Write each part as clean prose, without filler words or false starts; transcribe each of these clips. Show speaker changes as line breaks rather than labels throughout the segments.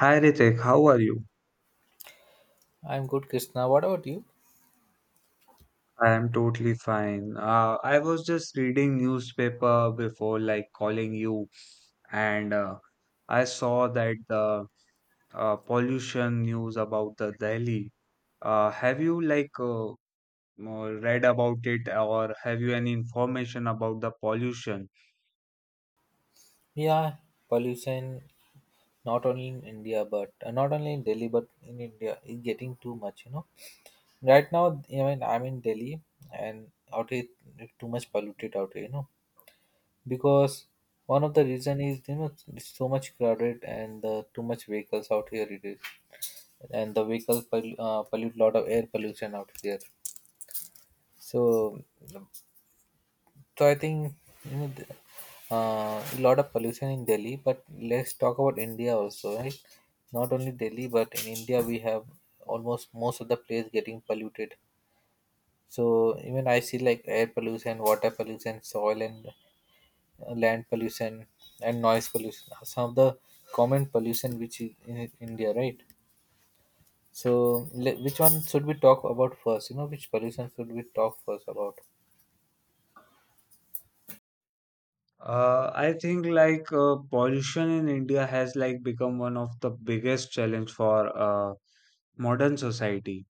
Hi Ritik, how are you?
I'm good, Krishna. What about you?
I am totally fine. I was just reading newspaper before like calling you and I saw that the pollution news about the Delhi. Have you like read about it or have you any information about the pollution?
Yeah, pollution not only in India, but not only in Delhi, but in India is getting too much. Right now, I mean, I'm in Delhi, and out here it's too much polluted out here. Because one of the reason is it's so much crowded and too much vehicles out here it is, and the vehicles pollute lot of air pollution out here. So So I think you know, the- a lot of pollution in Delhi, but let's talk about India also, right? Not only Delhi, but in India we have almost most of the place getting polluted. So even I see like air pollution, water pollution, soil and land pollution, and noise pollution are some of the common pollution which is in India, right? So which one should we talk about first? Which pollution should we talk first about?
I think like pollution in India has like become one of the biggest challenge for modern society,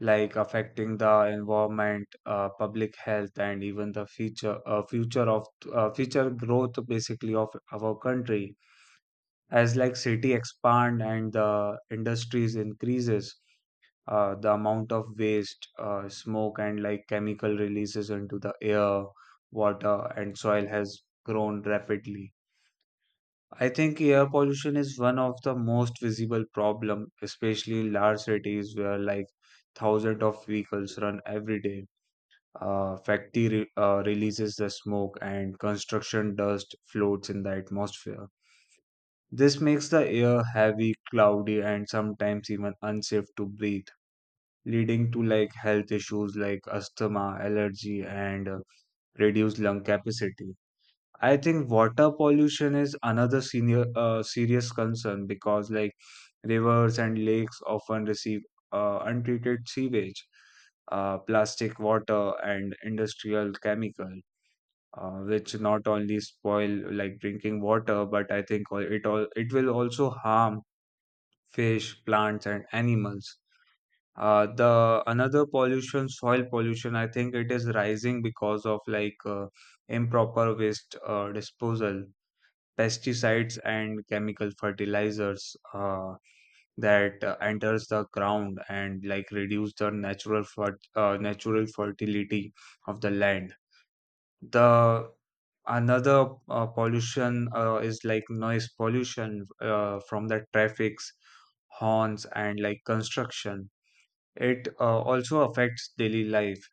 like affecting the environment, public health, and even the future growth basically of our country. As like city expand and the industries increases, the amount of waste, smoke, and like chemical releases into the air, water, and soil has grown rapidly. I think air pollution is one of the most visible problem, especially in large cities where like thousands of vehicles run every day. Factory releases the smoke and construction dust floats in the atmosphere. This makes the air heavy, cloudy, and sometimes even unsafe to breathe, leading to like health issues like asthma, allergy, and reduced lung capacity. I think water pollution is another senior serious concern because like rivers and lakes often receive untreated sewage, plastic water, and industrial chemical, which not only spoil like drinking water, but I think it all it will also harm fish, plants, and animals. The another pollution, soil pollution, I think it is rising because of like improper waste disposal, pesticides, and chemical fertilizers that enters the ground and like reduce the natural natural fertility of the land. The another pollution is like noise pollution from the traffics horns and like construction. It also affects daily life,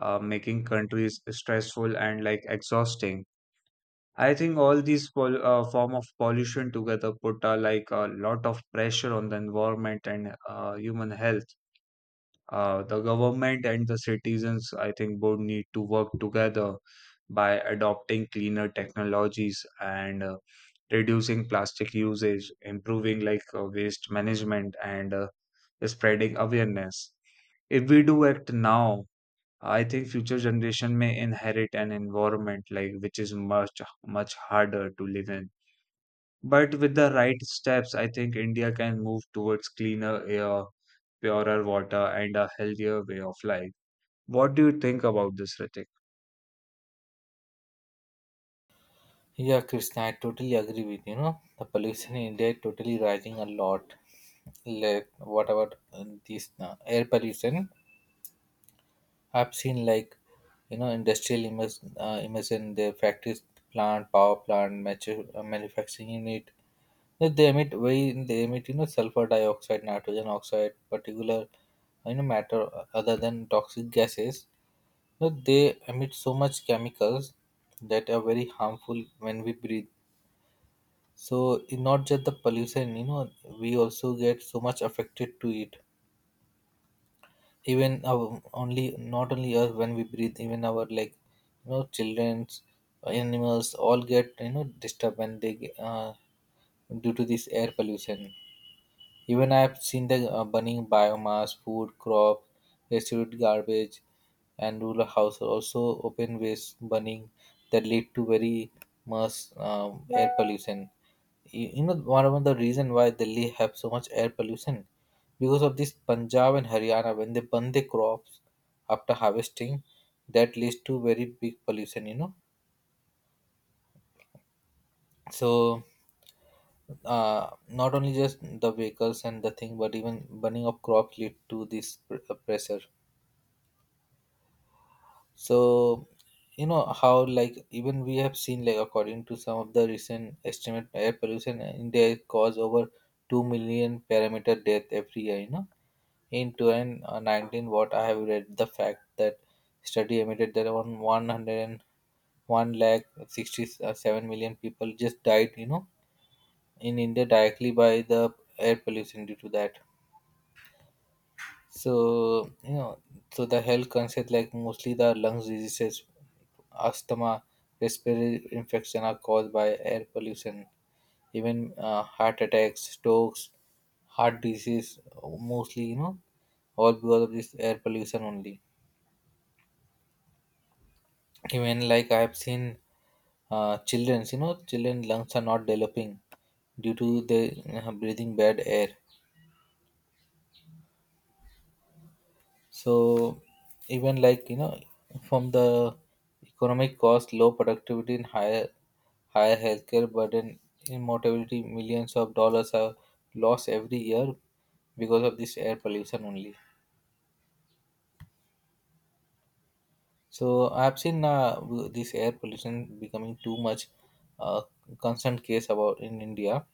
making countries stressful and like exhausting. I think all these form of pollution together put like a lot of pressure on the environment and human health. The government and the citizens, I think, both need to work together by adopting cleaner technologies and reducing plastic usage, improving like waste management, and spreading awareness. If we do act now, I think future generation may inherit an environment like which is much much harder to live in. But with the right steps, I think India can move towards cleaner air, purer water, and a healthier way of life. What do you think about this, Ritik?
Yeah, Krishna, I totally agree with you. Know the pollution in India is totally rising a lot. Like what about this air pollution? I've seen like industrial emission, emission the factories, plant, power plant, mature, manufacturing unit. They emit sulfur dioxide, nitrogen oxide, particular matter other than toxic gases. They emit so much chemicals that are very harmful when we breathe. So not just the pollution, we also get so much affected to it. Even our only not only us when we breathe, even our like childrens, animals all get disturbed when they get, due to this air pollution. Even I've seen the burning biomass, food, crop, residue, garbage, and rural house are also open waste burning that lead to very much air pollution. One of the reason why Delhi have so much air pollution because of this Punjab and Haryana when they burn the crops after harvesting, that leads to very big pollution. So. Not only just the vehicles and the thing, but even burning of crops lead to this pressure. So, how like even we have seen like according to some of the recent estimate, air pollution in India cause over 2 million parameter death every year. In 2019, what I have read the fact that study admitted that around 101 lakh 67 million people just died in India directly by the air pollution due to that. So you know, so the health concept like mostly the lungs diseases, asthma, respiratory infection are caused by air pollution. Even heart attacks, strokes, heart disease, mostly all because of this air pollution only. Even like I have seen, childrens, children lungs are not developing due to the breathing bad air. So even like from the economic cost, low productivity and higher healthcare burden in mortality, millions of dollars are lost every year because of this air pollution only. So I've seen this air pollution becoming too much uh, constant case about in India.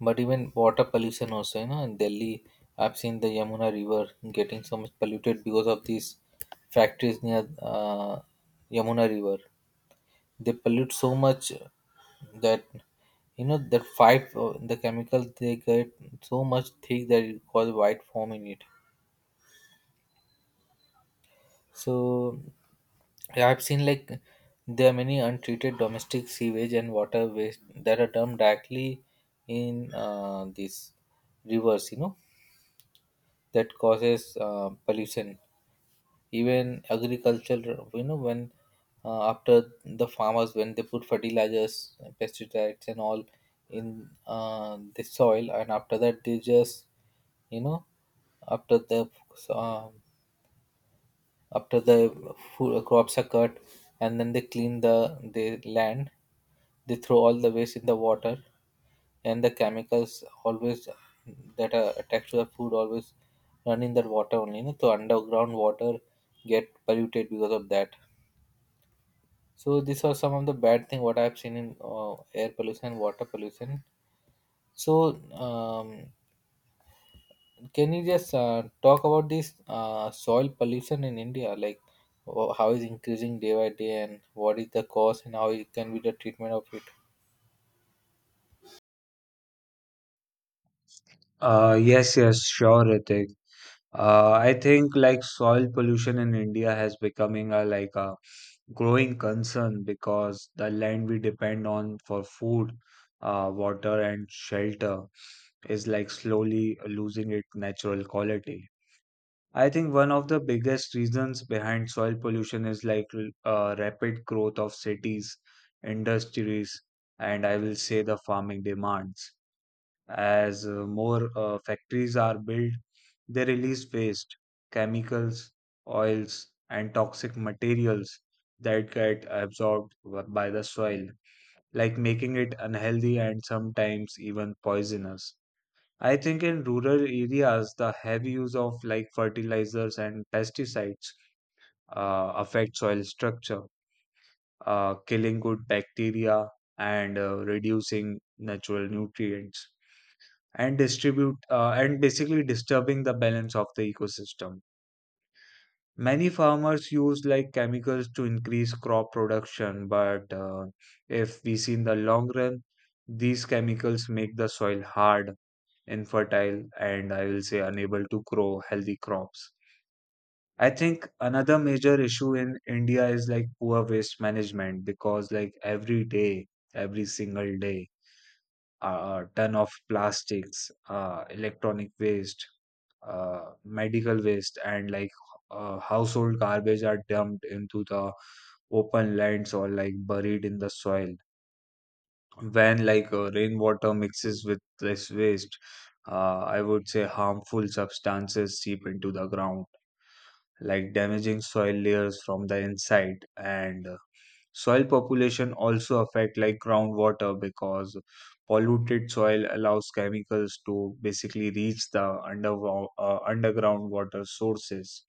But even water pollution also, in Delhi, I've seen the Yamuna River getting so much polluted because of these factories near Yamuna River. They pollute so much that you know that five the chemicals they get so much thick that it cause white foam in it. So yeah, I've seen like there are many untreated domestic sewage and water waste that are dumped directly in these rivers. That causes pollution. Even agriculture, when after the farmers when they put fertilizers, pesticides, and all in the soil, and after that they just you know after the uh, after the food, crops are cut, and then they clean the land. They throw all the waste in the water, and the chemicals always that are attached to the food always run in that water only. So underground water get polluted because of that. So these are some of the bad thing what I've seen in air pollution and water pollution. So can you just talk about this soil pollution in India, like how is increasing day by day and what is the cause and how it can be the treatment of it?
Yes, yes, sure, Ritik. I think like soil pollution in India has becoming a like a growing concern because the land we depend on for food, water, and shelter is like slowly losing its natural quality. I think one of the biggest reasons behind soil pollution is like rapid growth of cities, industries, and I will say the farming demands. As more factories are built, they release waste, chemicals, oils, and toxic materials that get absorbed by the soil, like making it unhealthy and sometimes even poisonous. I think in rural areas, the heavy use of like fertilizers and pesticides affect soil structure, killing good bacteria and reducing natural nutrients, and basically disturbing the balance of the ecosystem. Many farmers use like chemicals to increase crop production, but if we see in the long run, these chemicals make the soil hard infertile, and I will say unable to grow healthy crops. I think another major issue in India is like poor waste management because like every day, every single day, a ton of plastics, electronic waste, medical waste, and like household garbage are dumped into the open lands or like buried in the soil. When like rainwater mixes with this waste, I would say harmful substances seep into the ground, like damaging soil layers from the inside. And soil population also affect like groundwater because polluted soil allows chemicals to basically reach the underground water sources.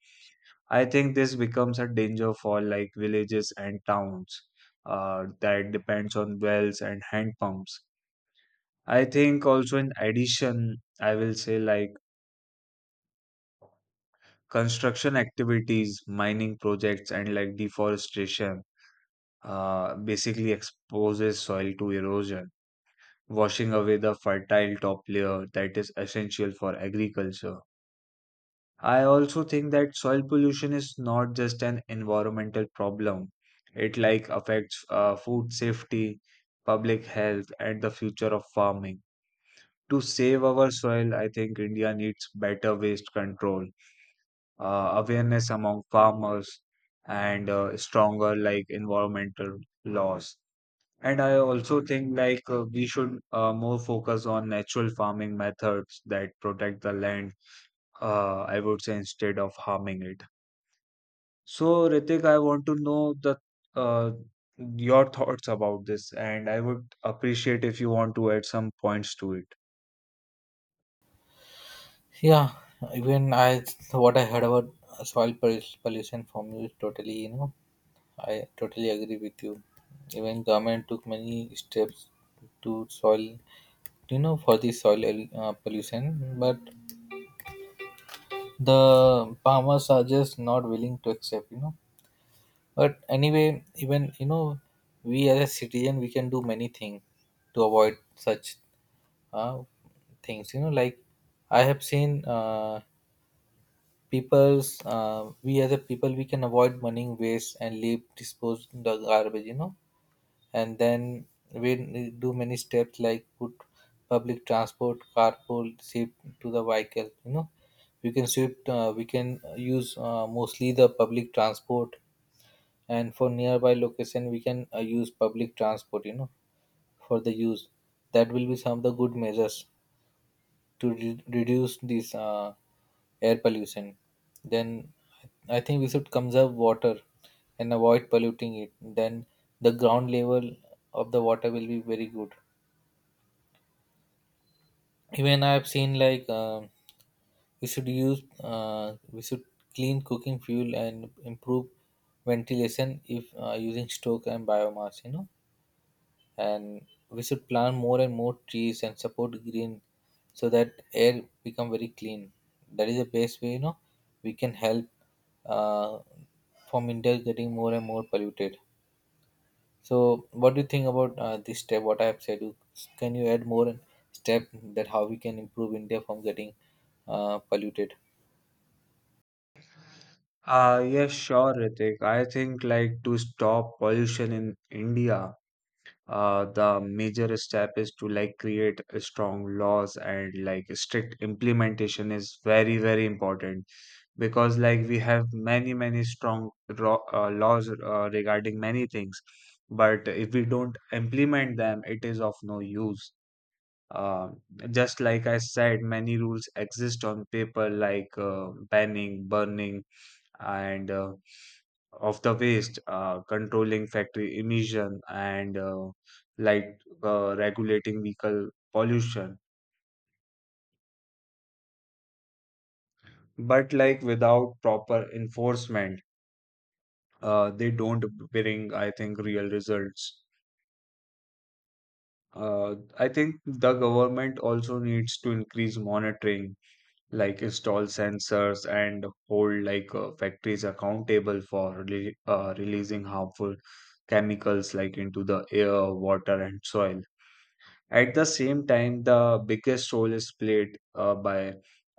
I think this becomes a danger for like villages and towns that depends on wells and hand pumps. I think also in addition, I will say like construction activities, mining projects, and like deforestation basically exposes soil to erosion, washing away the fertile top layer that is essential for agriculture. I also think that soil pollution is not just an environmental problem. It like affects food safety, public health, and the future of farming. To save our soil, I think India needs better waste control, awareness among farmers, and stronger like environmental laws. And I also think like we should more focus on natural farming methods that protect the land, I would say, instead of harming it. So, Ritik, I want to know the uh, your thoughts about this, and I would appreciate if you want to add some points to it.
Yeah, even I what I heard about pollution from you is totally, I totally agree with you. Even government took many steps to soil, you know, for the soil pollution, but the farmers are just not willing to accept. But anyway, even we as a citizen, we can do many things to avoid such uh, things. Like I have seen. People's We as a people we can avoid burning waste and leave dispose the garbage, and then we do many steps like put public transport, carpool, sweep to the vehicle. We can sweep we can use mostly the public transport, and for nearby location we can use public transport, for the use. That will be some of the good measures to reduce this air pollution. Then I think we should conserve water and avoid polluting it. Then the ground level of the water will be very good. Even I have seen like we should clean cooking fuel and improve ventilation if using stoke and biomass. And we should plant more and more trees and support green so that air become very clean. That is the best way we can help uh, from India getting more and more polluted. So what do you think about this step what I have said? Can you add more step that how we can improve India from getting polluted?
Yes, sure, Ritik. I think like to stop pollution in India, the major step is to like create a strong laws and like strict implementation is very very important, because like we have many strong laws regarding many things, but if we don't implement them it is of no use. uh, just like I said, many rules exist on paper, like banning, burning, and of the waste, controlling factory emission, and like regulating vehicle pollution. But like without proper enforcement, they don't bring, I think, real results. I think the government also needs to increase monitoring, like install sensors and hold like factories accountable for releasing harmful chemicals like into the air, water, and soil. At the same time, the biggest role is played by,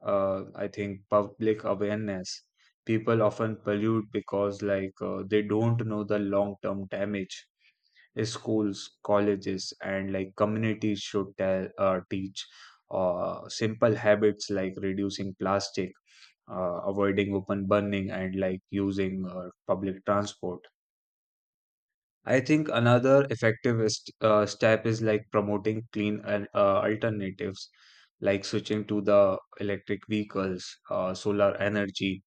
I think, public awareness. People often pollute because, like, they don't know the long-term damage. Schools, colleges, and like communities should teach simple habits like reducing plastic, avoiding open burning, and like using public transport. I think another effective step is like promoting clean and alternatives, like switching to the electric vehicles, solar energy,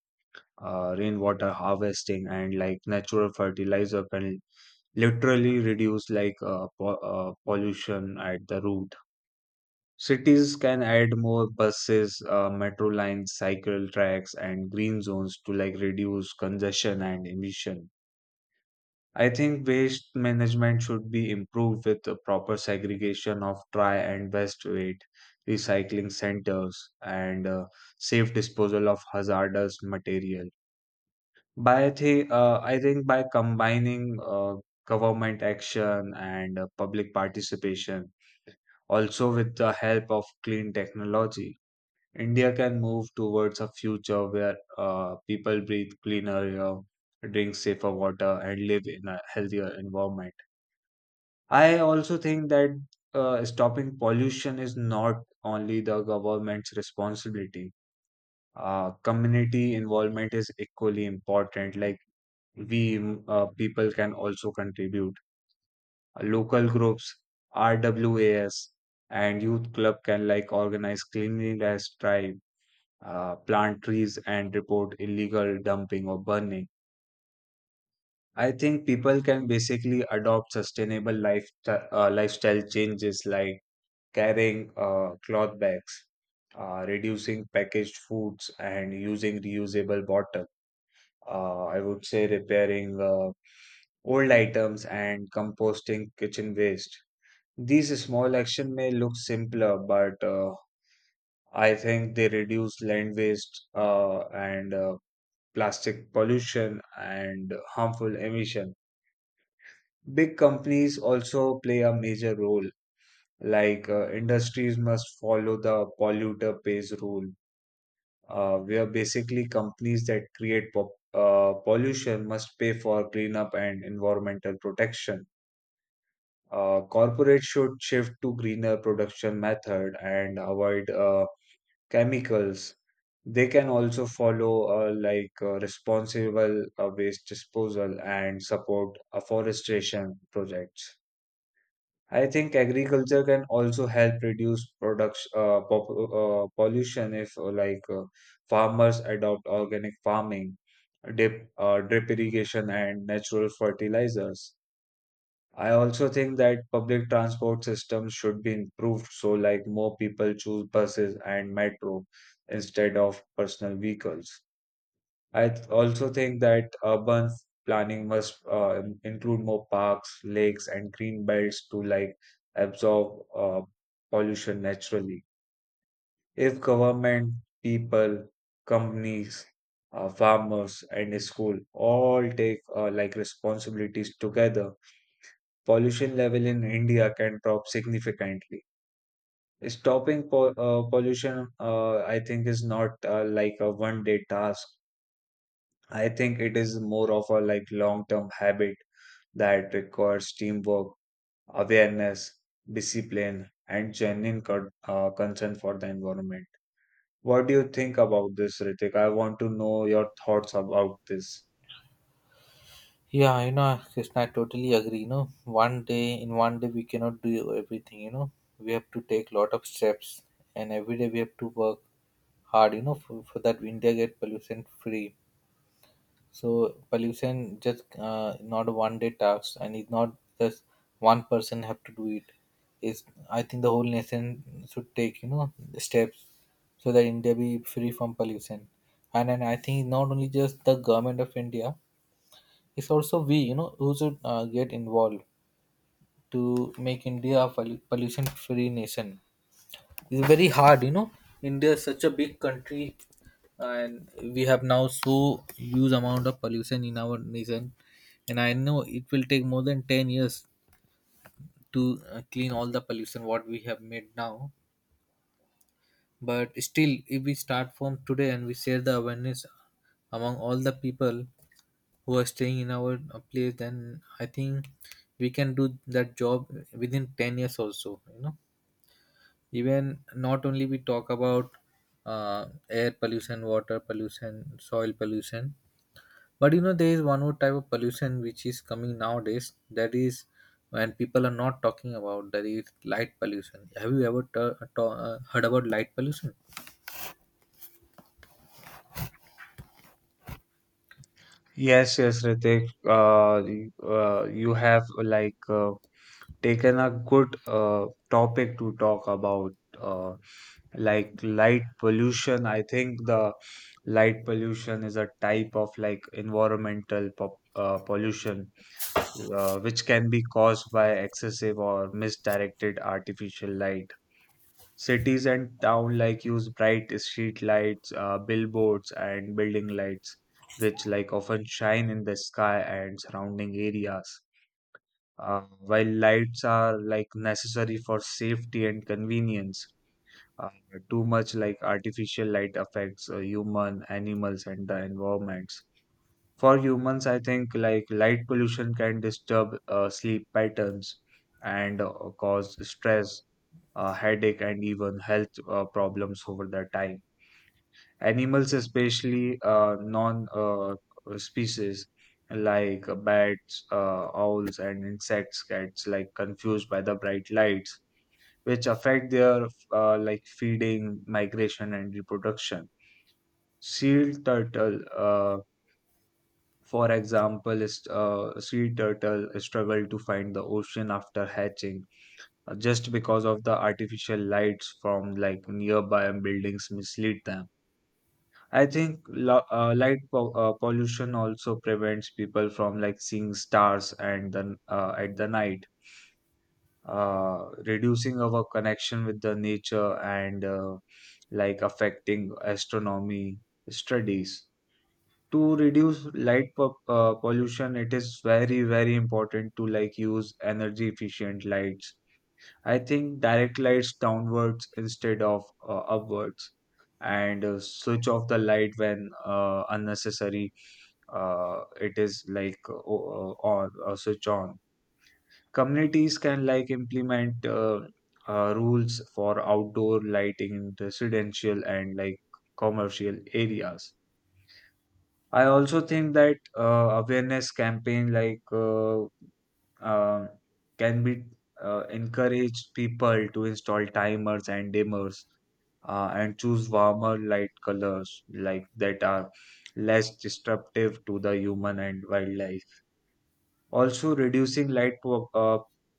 rainwater harvesting, and like natural fertilizer can literally reduce like pollution at the root. Cities can add more buses, metro lines, cycle tracks, and green zones to like reduce congestion and emission. I think waste management should be improved with the proper segregation of try and waste weight, recycling centers, and safe disposal of hazardous material. I think by combining government action and public participation, also with the help of clean technology, India can move towards a future where people breathe cleaner air, drink safer water, and live in a healthier environment. I also think that stopping pollution is not only the government's responsibility. Community involvement is equally important. Like, people can also contribute. Local groups, RWAS, and youth club can like organize cleanliness drive, plant trees, and report illegal dumping or burning. I think people can basically adopt sustainable lifestyle changes like carrying cloth bags, reducing packaged foods, and using reusable bottles. I would say repairing old items and composting kitchen waste. These small actions may look simpler, but I think they reduce land waste and plastic pollution, and harmful emission. Big companies also play a major role, like industries must follow the polluter pays rule, where basically companies that create pollution must pay for cleanup and environmental protection. Corporates should shift to greener production method and avoid chemicals. They can also follow like responsible waste disposal and support afforestation projects. I think agriculture can also help reduce pollution if like farmers adopt organic farming, drip irrigation, and natural fertilizers. I also think that public transport systems should be improved so like more people choose buses and metro instead of personal vehicles. Also think that urban planning must include more parks, lakes, and green belts to like absorb pollution naturally. If government, people, companies, farmers, and school all take like responsibilities together, pollution level in India can drop significantly. Stopping pollution, I think, is not like a one day task. I think it is more of a like long term habit that requires teamwork, awareness, discipline, and genuine concern for the environment. What do you think about this, Ritik? I want to know your thoughts about this.
Yeah, you know, Krishna, I totally agree. One day in one day we cannot do everything. We have to take lot of steps, and every day we have to work hard. For that India get pollution free. So pollution just not a one day task, and it's not just one person have to do it. It's, I think, the whole nation should take, steps so that India be free from pollution. And I think not only just the government of India, it's also we who should get involved to make India a pollution free nation. It's very hard, India is such a big country, and we have now so huge amount of pollution in our nation, and I know it will take more than 10 years to clean all the pollution what we have made now. But still, if we start from today and we share the awareness among all the people who are staying in our place, then I think we can do that job within 10 years also, even not only we talk about air pollution, water pollution, soil pollution, but there is one more type of pollution which is coming nowadays, that is, when people are not talking about, that is light pollution. Have you ever heard about light pollution?
Yes, yes, Ritik. You have like taken a good topic to talk about, uh, like light pollution. I think the light pollution is a type of like environmental pollution, which can be caused by excessive or misdirected artificial light. Cities and town like use bright street lights, billboards, and building lights, which like often shine in the sky and surrounding areas. While lights are like necessary for safety and convenience, uh, too much like artificial light affects human, animals, and the environments. For humans, I think like light pollution can disturb sleep patterns and cause stress, headache, and even health problems over the time animals especially non species like bats owls and insects gets like confused by the bright lights which affect their like feeding migration and reproduction sea turtle for example is sea turtle struggle to find the ocean after hatching, just because of the artificial lights from like nearby buildings mislead them. I think pollution also prevents people from like seeing stars and then at the night, reducing our connection with the nature and like affecting astronomy studies. To reduce pollution, it is very very important to like use energy efficient lights. I think direct lights downwards instead of upwards, and switch off the light when unnecessary. It is like o- on switch on. Communities can like implement rules for outdoor lighting in residential and like commercial areas. I also think that awareness campaign uh, can be encourage people to install timers and dimmers and choose warmer light colors like that are less disruptive to the human and wildlife. Also, reducing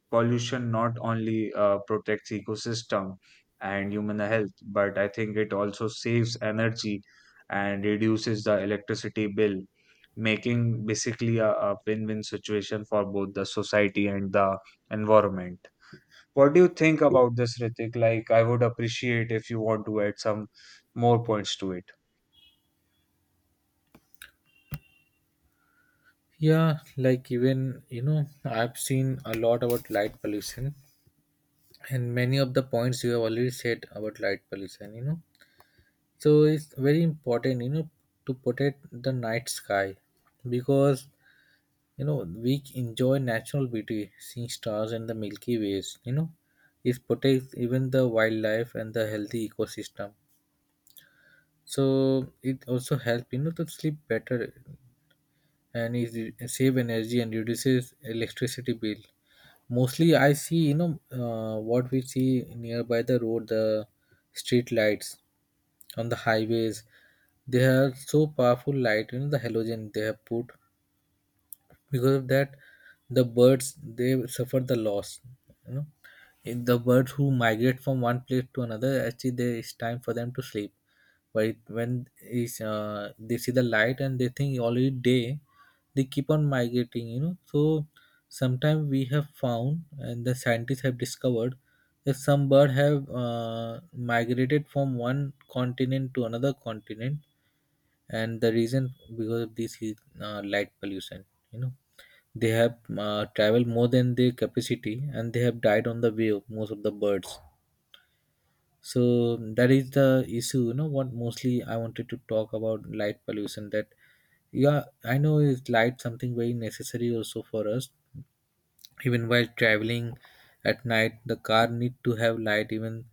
pollution not only protects ecosystem and human health, but I think it also saves energy and reduces the electricity bill, making basically a win-win situation for both the society and the environment. What do you think about this, Ritik? Like, I would appreciate if you want to add some more points to it.
Yeah, like even I've seen a lot about light pollution, and many of the points you have already said about light pollution. So it's very important, to protect the night sky, because we enjoy natural beauty seeing stars and the milky ways, it protects even the wildlife and the healthy ecosystem. So it also helps, to sleep better. And it save energy and reduces electricity bill. Mostly, I see, what we see nearby the road, the street lights on the highways. They are so powerful light, the halogen they have put. Because of that, the birds, they suffer the loss, you know if the birds who migrate from one place to another, actually there is time for them to sleep, but when is, they see the light and they think already day, they keep on migrating, so sometimes we have found and the scientists have discovered that some bird have migrated from one continent to another continent, and the reason because of this is light pollution, you know they have traveled more than their capacity and they have died on the way of most of the birds. So that is the issue. You know what? Mostly, I wanted to talk about light pollution. That, yeah, I know is light something very necessary also for us. Even while traveling at night, the car need to have light. Even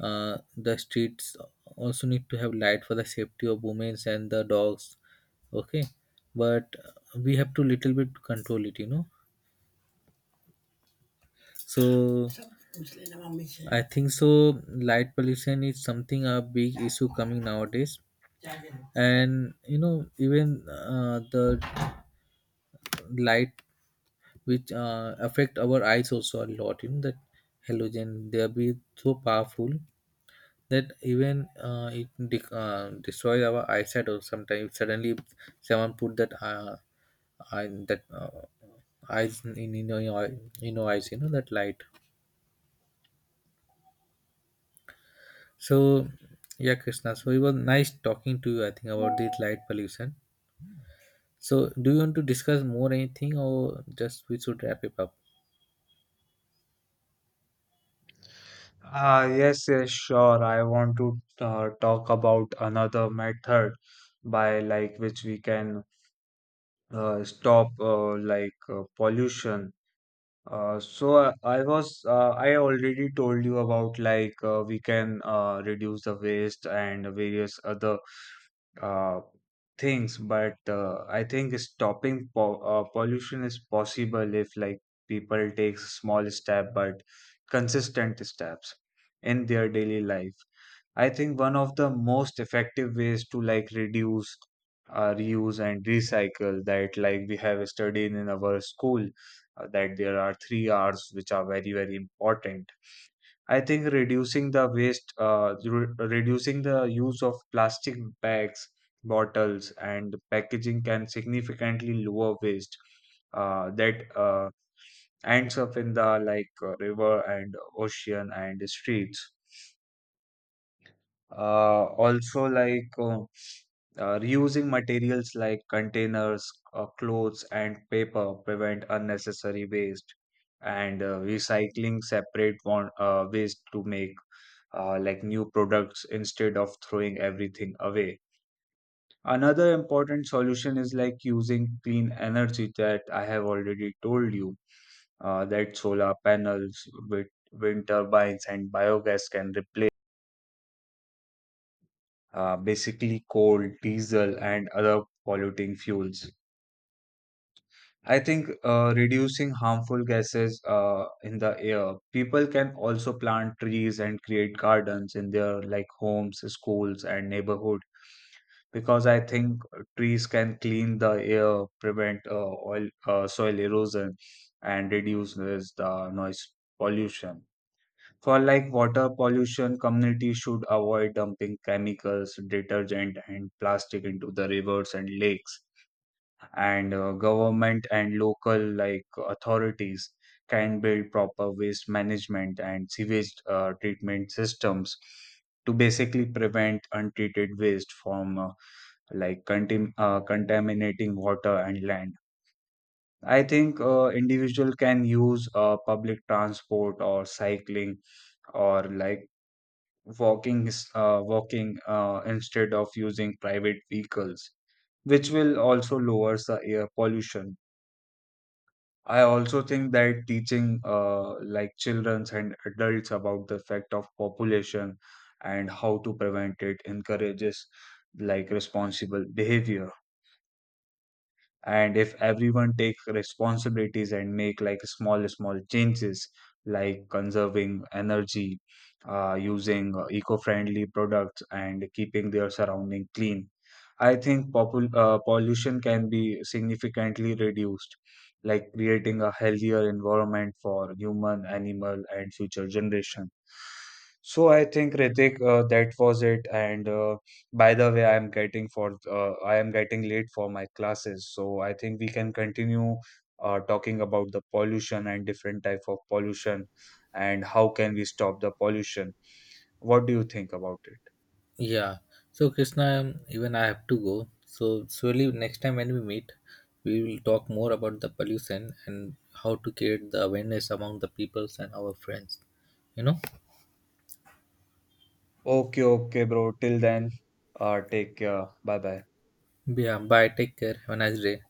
the streets also need to have light for the safety of women and the dogs. Okay, but we have to little bit control it, So I think so. Light pollution is something a big issue coming nowadays, and even the light which affect our eyes also a lot. That halogen they be so powerful that even it destroy our eyesight. Or sometimes suddenly someone put that eye, that uh, eyes in your eyes. That light. So, yeah, Krishna. So it was nice talking to you, I think, about this light pollution. So, do you want to discuss more anything, or just we should wrap it up?
Ah, yes, yes, sure. I want to talk about another method by like which we can stop like pollution. So I was I already told you about like we can reduce the waste and various other uh, things, but I think stopping po pollution is possible if like people take small step but consistent steps in their daily life. I think one of the most effective ways to like reduce, reuse, and recycle that like we have studied in our school, that there are three R's which are very very important. I think reducing the waste, reducing the use of plastic bags, bottles, and packaging can significantly lower waste that ends up in the like river and ocean and streets. Also, reusing materials like containers, clothes, and paper prevent unnecessary waste, and recycling separate one, waste to make like new products instead of throwing everything away. Another important solution is like using clean energy that I have already told you, that solar panels with wind turbines and biogas can replace basically coal, diesel, and other polluting fuels. I think reducing harmful gases in the air. People can also plant trees and create gardens in their like homes, schools, and neighborhood, because I think trees can clean the air, prevent oil soil erosion, and reduces the noise pollution. For like water pollution, communities should avoid dumping chemicals, detergent, and plastic into the rivers and lakes. And government and local like authorities can build proper waste management and sewage treatment systems to basically prevent untreated waste from like contaminating water and land. I think individual can use public transport or cycling or like walking instead of using private vehicles, which will also lowers the air pollution. I also think that teaching like children and adults about the effect of population and how to prevent it encourages like responsible behavior. And if everyone take responsibilities and make like small small changes like conserving energy, using eco-friendly products and keeping their surrounding clean, I think pollution can be significantly reduced, like creating a healthier environment for human animal and future generation. So I think Ritik, that was it, and by the way, I am getting for I am getting late for my classes, so I think we can continue talking about the pollution and different type of pollution and how can we stop the pollution. What do you think about it?
Yeah. So, Krishna, even I have to go. So, surely next time when we meet, we will talk more about the pollution and how to create the awareness among the peoples and our friends, You know.
Okay, okay, bro. Till then, take care. Bye bye.
Yeah. Bye. Take care. Have a nice day.